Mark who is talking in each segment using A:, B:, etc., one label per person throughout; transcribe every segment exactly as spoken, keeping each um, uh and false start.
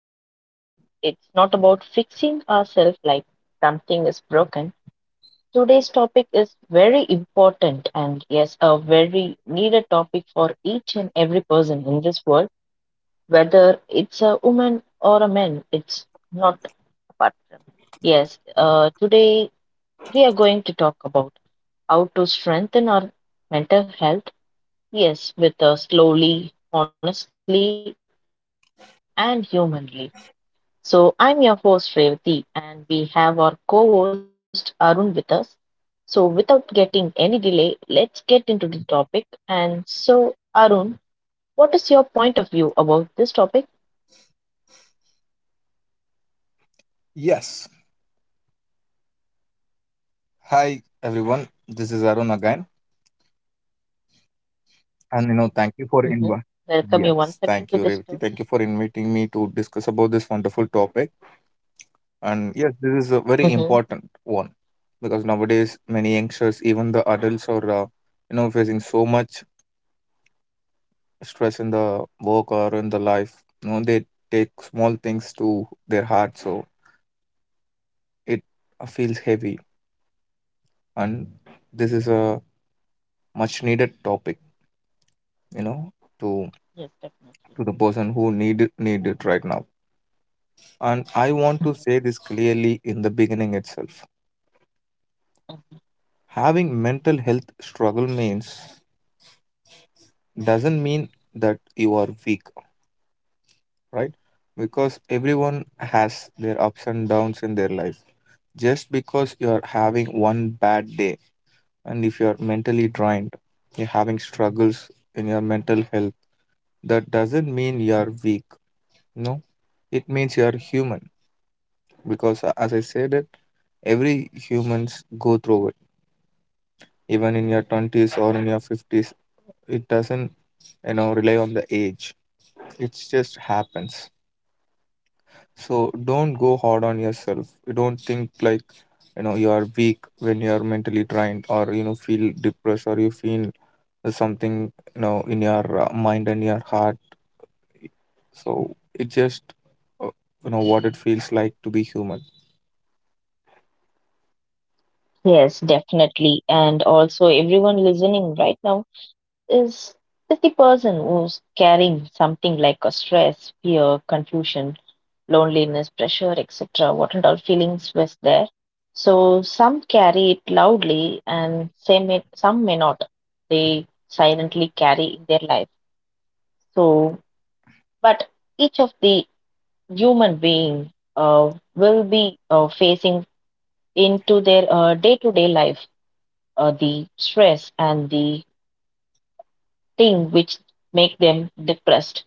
A: the time. It's not about fixing ourselves like something is broken. Today's topic is very important and yes, a very needed topic for each and every person in this world, whether it's a woman or a man, it's not apart from. Yes, uh, today we are going to talk about how to strengthen our mental health. Yes, with us slowly, honestly, and humanly. So, I'm your host Revati, and we have our co host Arun with us. So, without getting any delay, let's get into the topic. And so, Arun, what is your point of view about this topic?
B: Yes. Hi, everyone. This is Arun again. And, you know, thank you for
A: Hmm.
B: inviting.
A: Welcome you once
B: Yes.
A: again
B: Thank
A: to
B: you,
A: this
B: Revati.
A: show.
B: Thank you for inviting me to discuss about this wonderful topic. And yes, this is a very
A: Hmm.
B: important one because nowadays many youngsters, even the adults, are, uh, you know, facing so much stress in the work or in the life. You know, they take small things to their heart. So it uh, feels heavy. And this is a much needed topic, you know, to
A: Yes,
B: to the person
A: definitely.
B: who need it, need it right now. And I want to say this clearly in the beginning itself. Having mental health struggle means doesn't mean that you are weak, right? Because everyone has their ups and downs in their life. Just because you're having one bad day and if you're mentally drained, you're having struggles in your mental health, that doesn't mean you're weak. No, it means you're human. Because uh, as I said it, every humans go through it. Even in your twenties or in your fifties, it doesn't, you know, rely on the age. It just happens. So don't go hard on yourself. You Don't think like, you know, you are weak when you are mentally drained or, you know, feel depressed or you feel something, you know, in your uh, mind and your heart. So it just, uh, you know, what it feels like to be human.
A: Yes, definitely. And also, everyone listening right now, is is the person who's carrying something like a stress, fear, confusion, loneliness, pressure, et cetera. What and all feelings was there. So some carry it loudly, and some may, some may not. They silently carry in their life. So, but each of the human being uh, will be uh, facing into their uh, day-to-day life uh, the stress and the thing which make them depressed.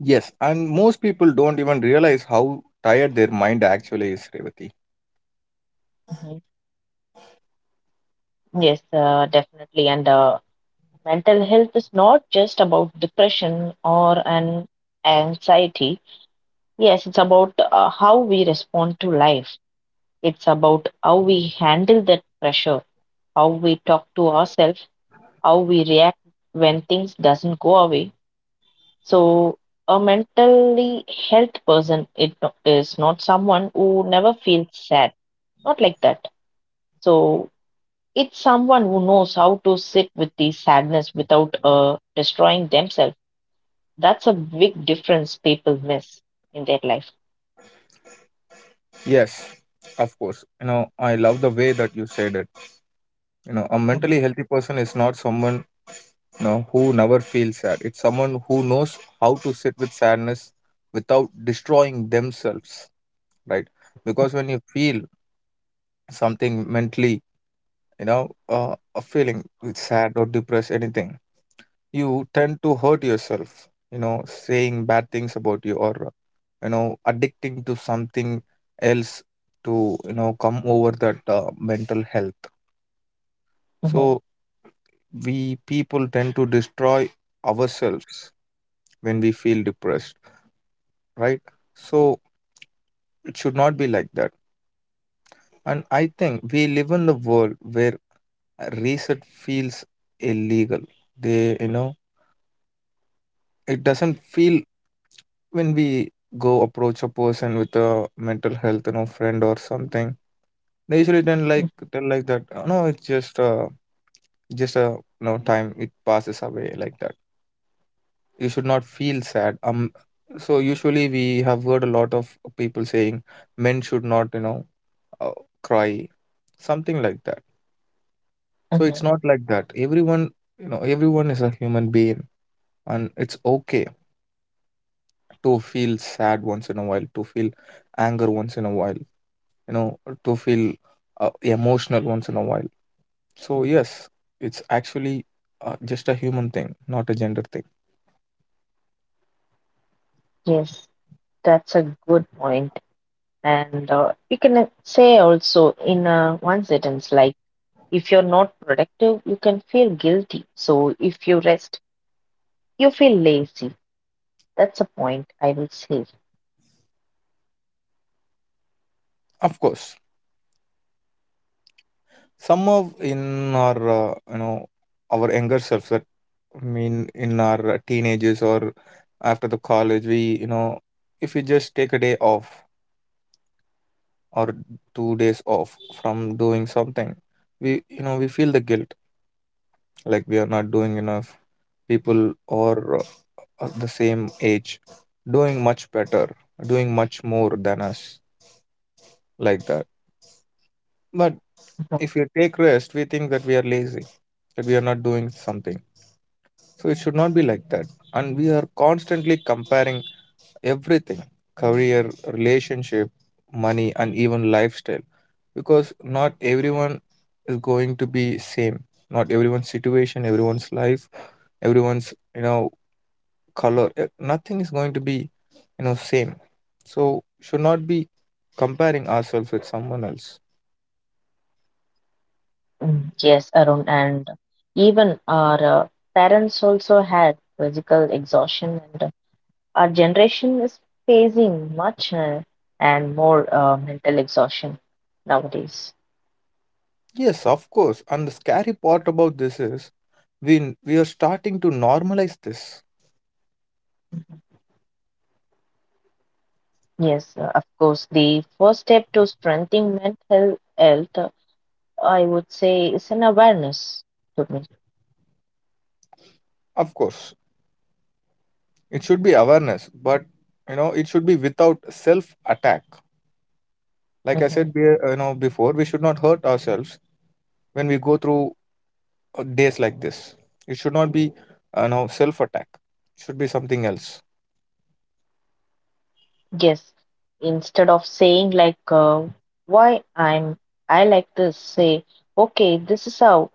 B: Yes, and most people don't even realize how tired their mind actually is, Revati.
A: Mhm. Yes, uh, definitely. And uh, mental health is not just about depression or an anxiety. Yes, it's about uh, how we respond to life. It's about how we handle that pressure, how we talk to ourselves, how we react when things doesn't go away. So a mentally health person it no- is not someone who never feels sad. Not like that. So it's someone who knows how to sit with the sadness without uh, destroying themselves. That's a big difference people miss in their life.
B: Yes, of course. You know, I love the way that you said it. You know, a
A: Mhm,
B: mentally healthy person is not someone, you know, who never feels sad. It's someone who knows how to sit with sadness without destroying themselves, right? Because when you feel something mentally, you know, uh, a feeling with sad or depressed, anything, you tend to hurt yourself, you know, saying bad things about you or, uh, you know, addicting to something else to, you know, come over that uh, mental health.
A: mhm,
B: So we people tend to destroy ourselves when we feel depressed, right? So it should not be like that. And I think we live in the world where reset feels illegal. They, you know, it doesn't feel when we go approach a person with a mental health, you know friend or something. They usually don't like
A: mhm,
B: tell like that, "Oh, no, it's just uh just a you know time. It passes away like that. You should not feel sad." um so usually we have heard a lot of people saying men should not, you know uh, cry, something like that. So it's
A: mhm.
B: not like that. Everyone, you know everyone is a human being, and it's okay to feel sad once in a while, to feel anger once in a while, you know to feel uh, emotional once in a while. So yes, it's actually uh, just a human thing, not a gender thing.
A: Yes, that's a good point. And uh, you can say also in uh, one sentence, like, if you're not productive, you can feel guilty. So if you rest, you feel lazy. That's a point I will say. Mm-hmm.
B: Of course, some of in our uh, you know our younger selves that, I mean in our uh, teenagers or after the college, we you know if we just take a day off or two days off from doing something, we you know we feel the guilt like we are not doing enough. People or uh, the same age doing much better, doing much more than us, like that. But if we take rest, we think that we are lazy, that we are not doing something. So it should not be like that. And we are constantly comparing everything: career, relationship, money, and even lifestyle, because not everyone is going to be same. Not everyone's situation, everyone's life, everyone's, you know color, uh, nothing is going to be, you know same. So should not be comparing ourselves with someone else.
A: Mm, yes, Arun, and even our uh, parents also had physical exhaustion, and uh, our generation is facing much uh, and more uh, mental exhaustion nowadays.
B: Yes, of course, and the scary part about this is we we are starting to normalize this.
A: Yes, uh, of course, the first step to strengthening mental health, uh, I would say, is an awareness to me.
B: Of course, it should be awareness, but you know it should be without self attack. Like I
A: Mhm.
B: said, be- uh, you know before we should not hurt ourselves when we go through uh, days like this. It should not be, uh, you know self attack. It should be something else.
A: Yes, instead of saying like uh, why I'm, I like to say, okay, this is how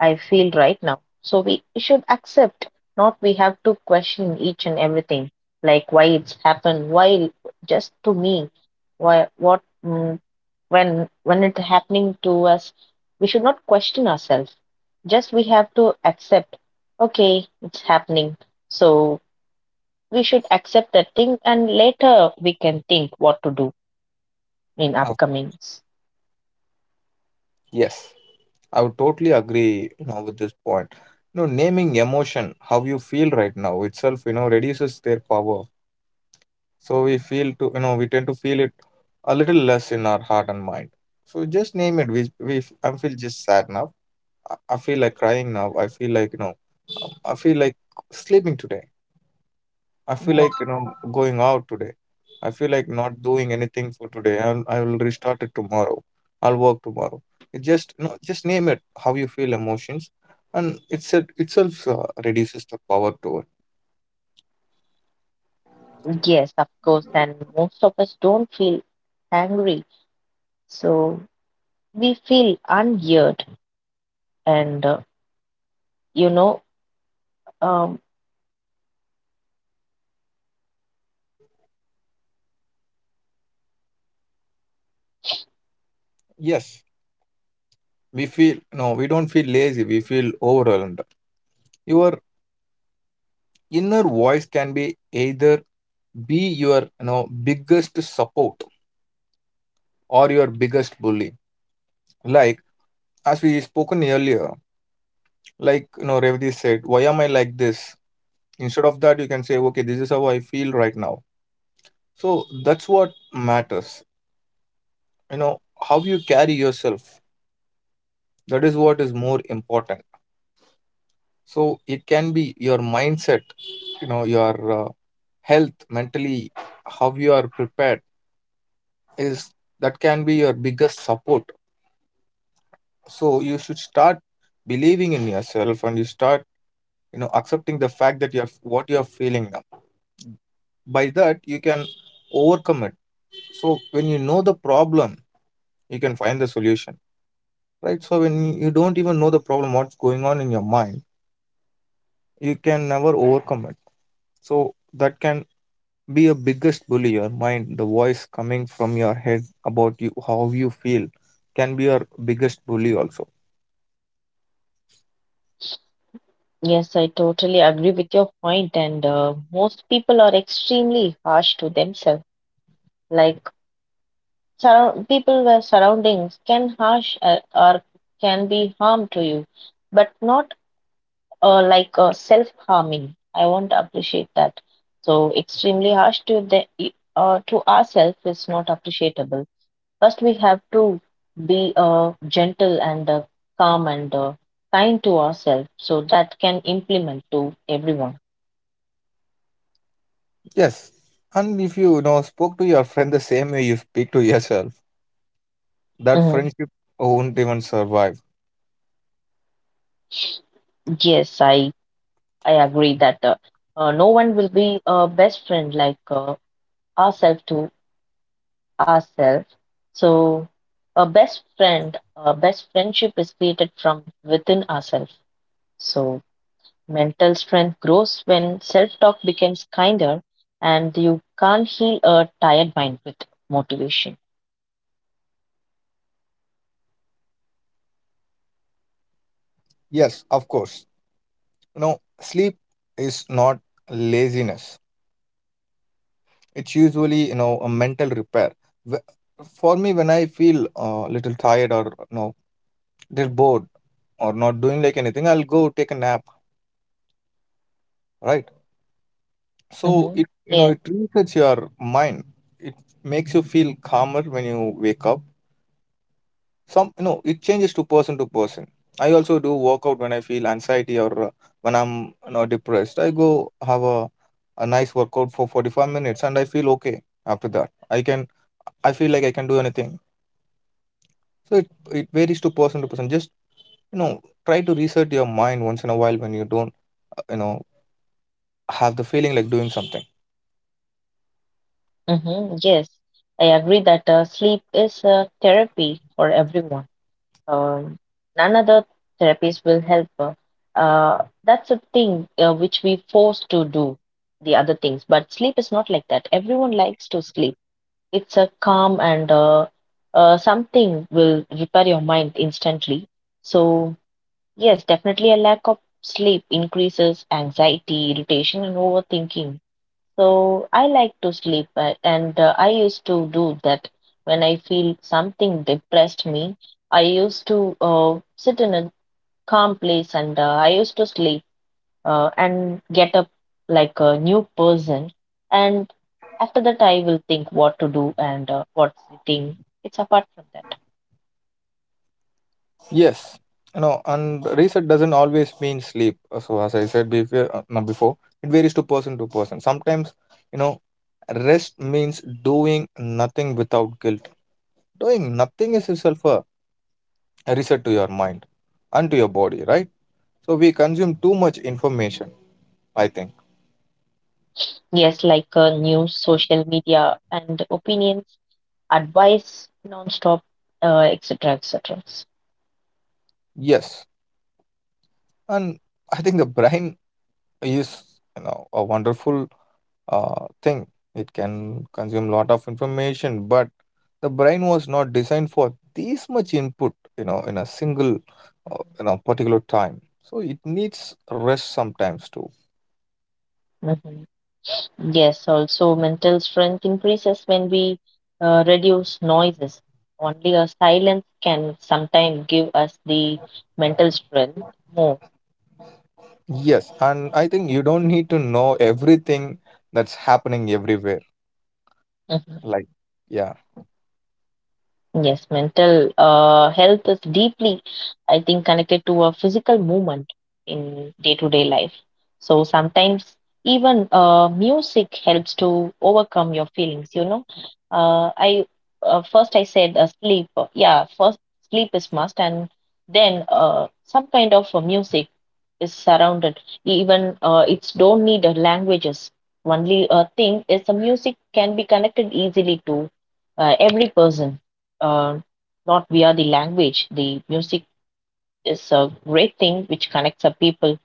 A: I feel right now. So we should accept, not we have to question each and everything, like why it's happened, why just to me, why what mm, when when it happening to us, we should not question ourselves. Just we have to accept, okay, it's happening. So we should accept that thing, and later we can think what to do in
B: Of
A: upcomings.
B: Yes, I would totally agree, you know, with this point. You know, naming emotion, how you feel right now itself, you know, reduces their power. So we feel to, you know, we tend to feel it a little less in our heart and mind. So just name it. We, we, I feel just sad now. I, I feel like crying now. I feel like, you know, I feel like sleeping today. I feel
A: Mhm.
B: like, you know, going out today. I feel like not doing anything for today. I'll, I will restart it tomorrow. I'll work tomorrow. It just, you know, just name it how you feel emotions, and it's it itself uh, reduces the power to it.
A: Yes, of course, and most of us don't feel angry. So we feel ungeared and uh, you know um,
B: Yes, we feel, no, we don't feel lazy. We feel overwhelmed. Your inner voice can be either be your, you know biggest support or your biggest bully. Like as we spoken earlier, like, you know, Revdi said, "Why am I like this?" Instead of that, you can say, "Okay, this is how I feel right now." So that's what matters, you know how you carry yourself. That is what is more important. So it can be your mindset, you know your uh, health mentally. How you are prepared is that can be your biggest support. So you should start believing in yourself, and you start, you know accepting the fact that you're what you're feeling now. By that, you can overcome it. So when you know the problem, you can find the solution, right? So when you don't even know the problem, what's going on in your mind, you can never overcome it. So that can be a biggest bully. Your mind, the voice coming from your head about you, how you feel, can be your biggest bully also.
A: yes I totally agree with your point point. And uh, most people are extremely harsh to themselves like surround, people were surroundings can harsh uh, or can be harm to you but not uh, like uh, self harming I won't appreciate that. So extremely harsh to the uh, to ourselves is not appreciable. First, we have to be uh, gentle and uh, calm and uh, kind to ourselves so that can implement to everyone.
B: Yes, and if you, you know spoke to your friend the same way you speak to yourself, that
A: Mhm.
B: friendship won't even survive.
A: Yes, I I agree that uh, uh, no one will be a best friend like uh, ourselves to ourselves. So a best friend, a best friendship is created from within ourselves. So mental strength grows when self talk becomes kinder and you can't heal a tired mind with motivation.
B: Yes, of course, you know sleep is not laziness. It's usually, you know a mental repair. Wh- for me, when I feel a uh, little tired or, you know little bored or not doing like anything, I'll go take a nap, right? So
A: Hmm.
B: it, you know
A: Yes.
B: it resets your mind. It makes you feel calmer when you wake up. Some, you know it changes to person to person. I also do workout when I feel anxiety or, uh, when i'm you know depressed. I go have a, a nice workout for forty-five minutes, and I feel okay. After that, i can I feel like I can do anything. So it, it varies to person to person. Just, you know, try to reset your mind once in a while when you don't, uh, you know, have the feeling like doing something.
A: Hmm. Yes, I agree that uh, sleep is a therapy for everyone. Um, none other therapies will help. Uh, uh, that's a thing uh, which we force to do the other things, but sleep is not like that. Everyone likes to sleep. It's a calm and uh, uh, something will repair your mind instantly. So yes, definitely a lack of sleep increases anxiety, irritation, and overthinking. So I like to sleep, uh, and uh, I used to do that when I feel something depressed me. I used to uh, sit in a calm place and uh, I used to sleep uh, and get up like a new person. And after that, I will think what to do and uh, what's the thing. It's apart from that.
B: Yes, you know, and reset doesn't always mean sleep. Uh, So as I said before, uh, no, before it varies to person to person. Sometimes, you know, rest means doing nothing without guilt. Doing nothing is itself a reset to your mind and to your body, right? So we consume too much information, I think.
A: Yes, like uh, news, social media, and opinions, advice, non-stop, uh, et cetera, et cetera.
B: Yes, and I think the brain is, you know a wonderful uh, thing. It can consume lot of information, but the brain was not designed for this much input, you know, in a single, uh, you know, particular time. So it needs rest sometimes too.
A: Yes, also mental strength increases when we uh, reduce noises. Only a silence can sometimes give us the mental strength more.
B: Yes, and I think you don't need to know everything that's happening everywhere. Like, yeah.
A: Yes, mental uh, health is deeply, I think, connected to a physical movement in day-to-day life. So sometimes even uh, music helps to overcome your feelings, you know. Uh, I uh, first I said uh, sleep. Uh, Yeah, first sleep is must, and then uh, some kind of uh, music is surrounded. Even uh, it's don't need uh, languages. Only uh, thing is the music can be connected easily to uh, every person uh, not via the language. The music is a great thing which connects a people.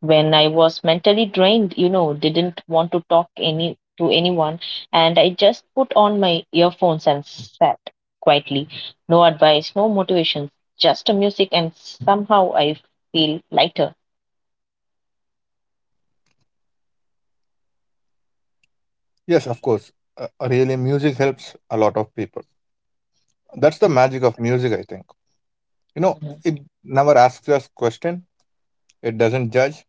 A: When I was mentally drained, you know, didn't want to talk any to anyone, and I just put on my earphones and sat quietly. No advice, no motivations, just a music, and somehow I feel lighter.
B: Yes, of course. Uh, really, music helps a lot of people. That's the magic of music, I think. You know,
A: Mhm,
B: it never asks us question. It doesn't judge.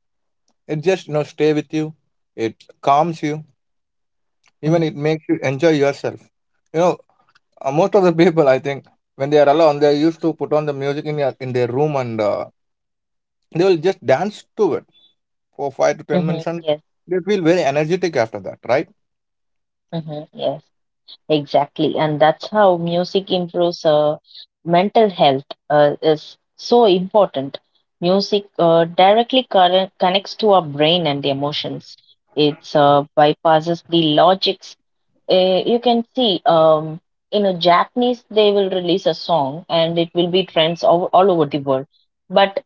B: It just, you know stay with you. It calms you. Even
A: mhm,
B: it makes you enjoy yourself. You know, uh, most of the people, I think, when they are alone, they used to put on the music in their in their room, and uh, they will just dance to it for five to
A: mhm,
B: ten
A: mhm,
B: minutes, and
A: yes.
B: they feel very energetic after that, right?
A: Mhm, yes. Exactly, and that's how music improves uh, mental health uh, is so important. Music uh, directly corre- connects to our brain and emotions. It's uh, bypasses the logics. Uh, you can see um, in a Japanese they will release a song and it will be trends all, all over the world. But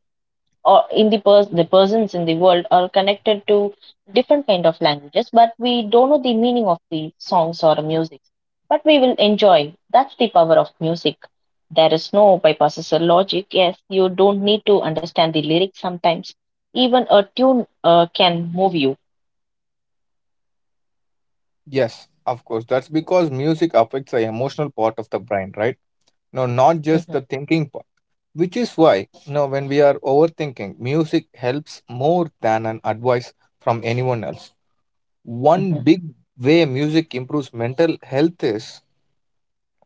A: or in the pers- the persons in the world are connected to different kind of languages but we don't know the meaning of the songs or music but we will enjoy. That's the power of music. There is no bypasses or logic. Yes, you don't need to understand the lyrics sometimes, even a tune uh, can move you.
B: Yes, of course. That's because music affects the emotional part of the brain, right? No, not just
A: Mhm,
B: the thinking part, which is why, you know when we are overthinking, music helps more than an advice from anyone else. One
A: mhm,
B: big way music improves mental health is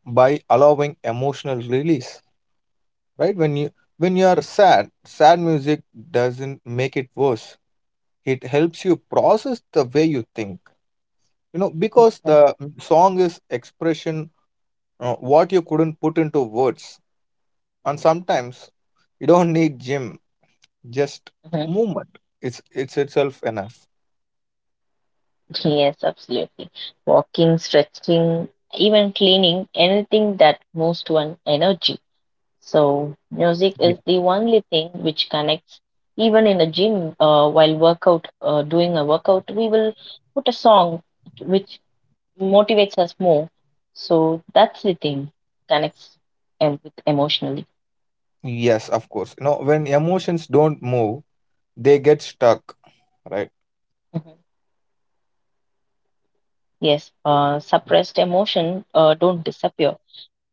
B: by allowing emotional release, right? When you when you are sad, sad music doesn't make it worse. It helps you process the way you think. You know, because
A: mhm,
B: the song is expression, uh, what you couldn't put into words. And sometimes you don't need gym, just
A: mhm.
B: movement. It's it's itself enough.
A: Yes, absolutely. Walking, stretching, even cleaning, anything that moves to an energy. So, music
B: Yeah.
A: is the only thing which connects. Even in a gym, uh, while workout, uh, doing a workout, we will put a song which motivates us more. So that's the thing connects em- with emotionally.
B: Yes, of course. You know, when emotions don't move, they get stuck, right?
A: Mhm. Yes, uh, suppressed emotion uh, don't disappear;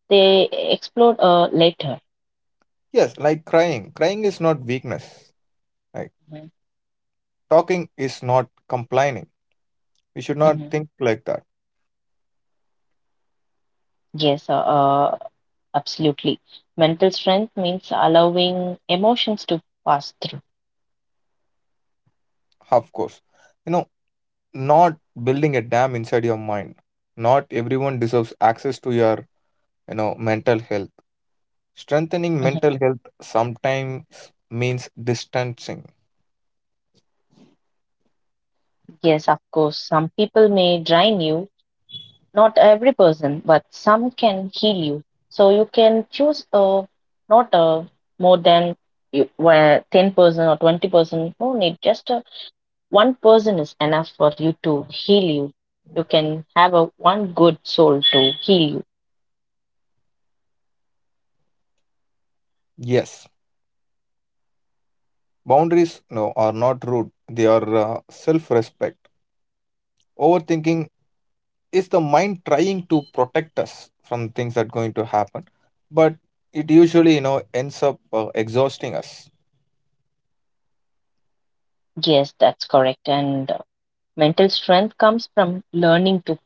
A: they explode uh, later.
B: Yes, like crying. Crying is not weakness. Like
A: Mhm.
B: talking is not complaining. We should not
A: Mhm.
B: think like that.
A: Yes, uh, uh, absolutely. Mental strength means allowing emotions to pass through.
B: Of course. You know, not building a dam inside your mind. Not everyone deserves access to your, you know, mental health. Strengthening mental health sometimes means distancing.
A: Yes, of course, some people may drain you, not every person, but some can heal you. So you can choose a not a more than you, where ten percent or twenty percent, no need, just a, one person is enough for you to heal you. You can have a one good soul to heal you.
B: Yes. Boundaries no are not rude. They are, uh, self-respect. Overthinking is the mind trying to protect us from things that going to happen, but it usually, you know ends up, uh, exhausting us.
A: Yes, that's correct. And uh, mental strength comes from learning to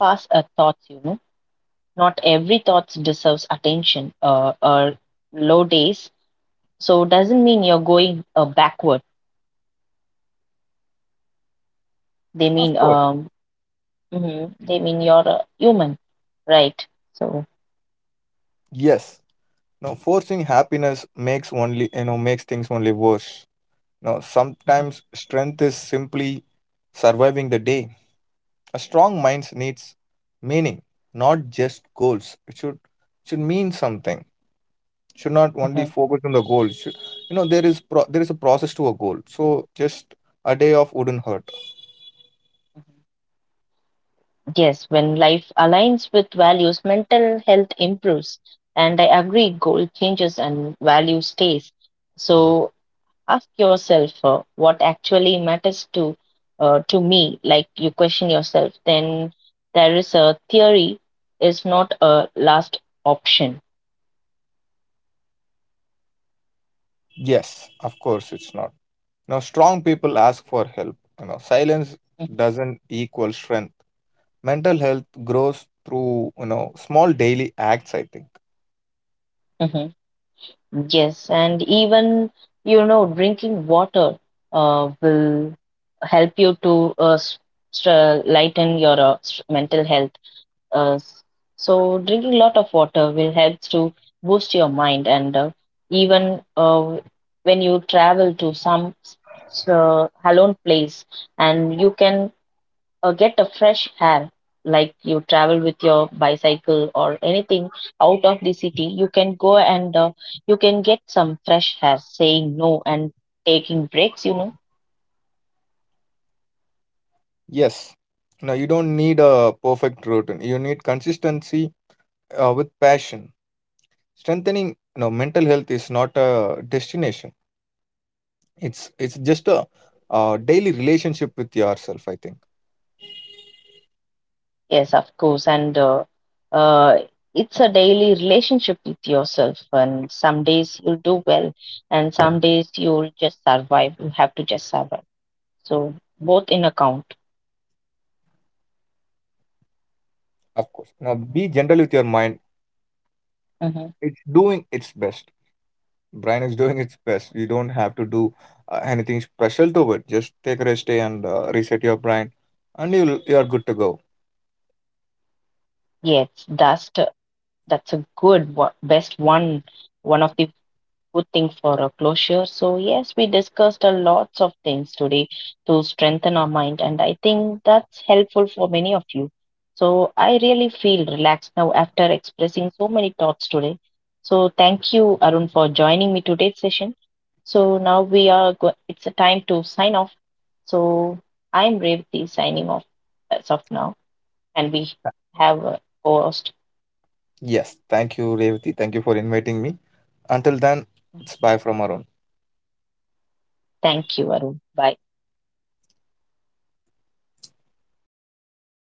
A: pass a thoughts, you know. Not every thought deserves attention uh, or low days. So doesn't mean you're going uh, backward. They
B: Of
A: mean
B: course.
A: um, mhm, they mean you're a human, right? So
B: Yes. No, forcing happiness makes only, you know makes things only worse. No,
A: mhm,
B: sometimes strength is simply surviving the day. A strong mind needs meaning, not just goals. It should should mean something. Should not only
A: mhm.
B: focus on the goal. Should, you know there is pro- there is a process to a goal. So just a day off wouldn't hurt.
A: Yes, when life aligns with values, mental health improves. And I agree, goal changes and value stays. So ask yourself uh, what actually matters to uh, to me. Like you question yourself, then there is a theory is not a last option.
B: Yes, of course it's not. Now, strong people ask for help. You know, silence
A: Mhm,
B: doesn't equal strength. Mental health grows through, you know small daily acts, I think.
A: mhm. Yes, and even, you know, drinking water uh, will help you to uh, s- stra- lighten your uh, s- mental health. Uh, s- so drinking a lot of water will help to boost your mind. And uh, even uh, when you travel to some s- s- uh, alone place and you can uh, get a fresh air like you travel with your bicycle or anything out of the city you can go and uh, you can get some fresh air, saying no and taking breaks, you know.
B: Yes. Now you don't need a perfect routine. You need consistency, uh, with passion. Strengthening, you know mental health is not a destination. It's it's just a, uh, daily relationship with yourself, I think.
A: Yes of course and uh, uh, it's a daily relationship with yourself, and some days you'll do well and some days you'll just survive, you have to just survive, so both in account.
B: Of course. Now be gentle with your mind.
A: Hmm.
B: It's doing its best. Brain is doing its best. You don't have to do, uh, anything special to it. Just take a rest day and, uh, reset your brain, and you you are good to go.
A: yes that's the- that's a good one, best one, one of the good thing for a closure. So, yes, we discussed a lots of things today to strengthen our mind, and I think that's helpful for many of you. So, I really feel relaxed now after expressing so many thoughts today. So, thank you, Arun, for joining me today's session. So, now we are go- it's a time to sign off. So, I'm Revati signing off as of now, and we have a host.
B: Yes, thank you, Revati. Thank you for inviting me. Until then, it's bye from Arun.
A: Thank you, Arun. Bye.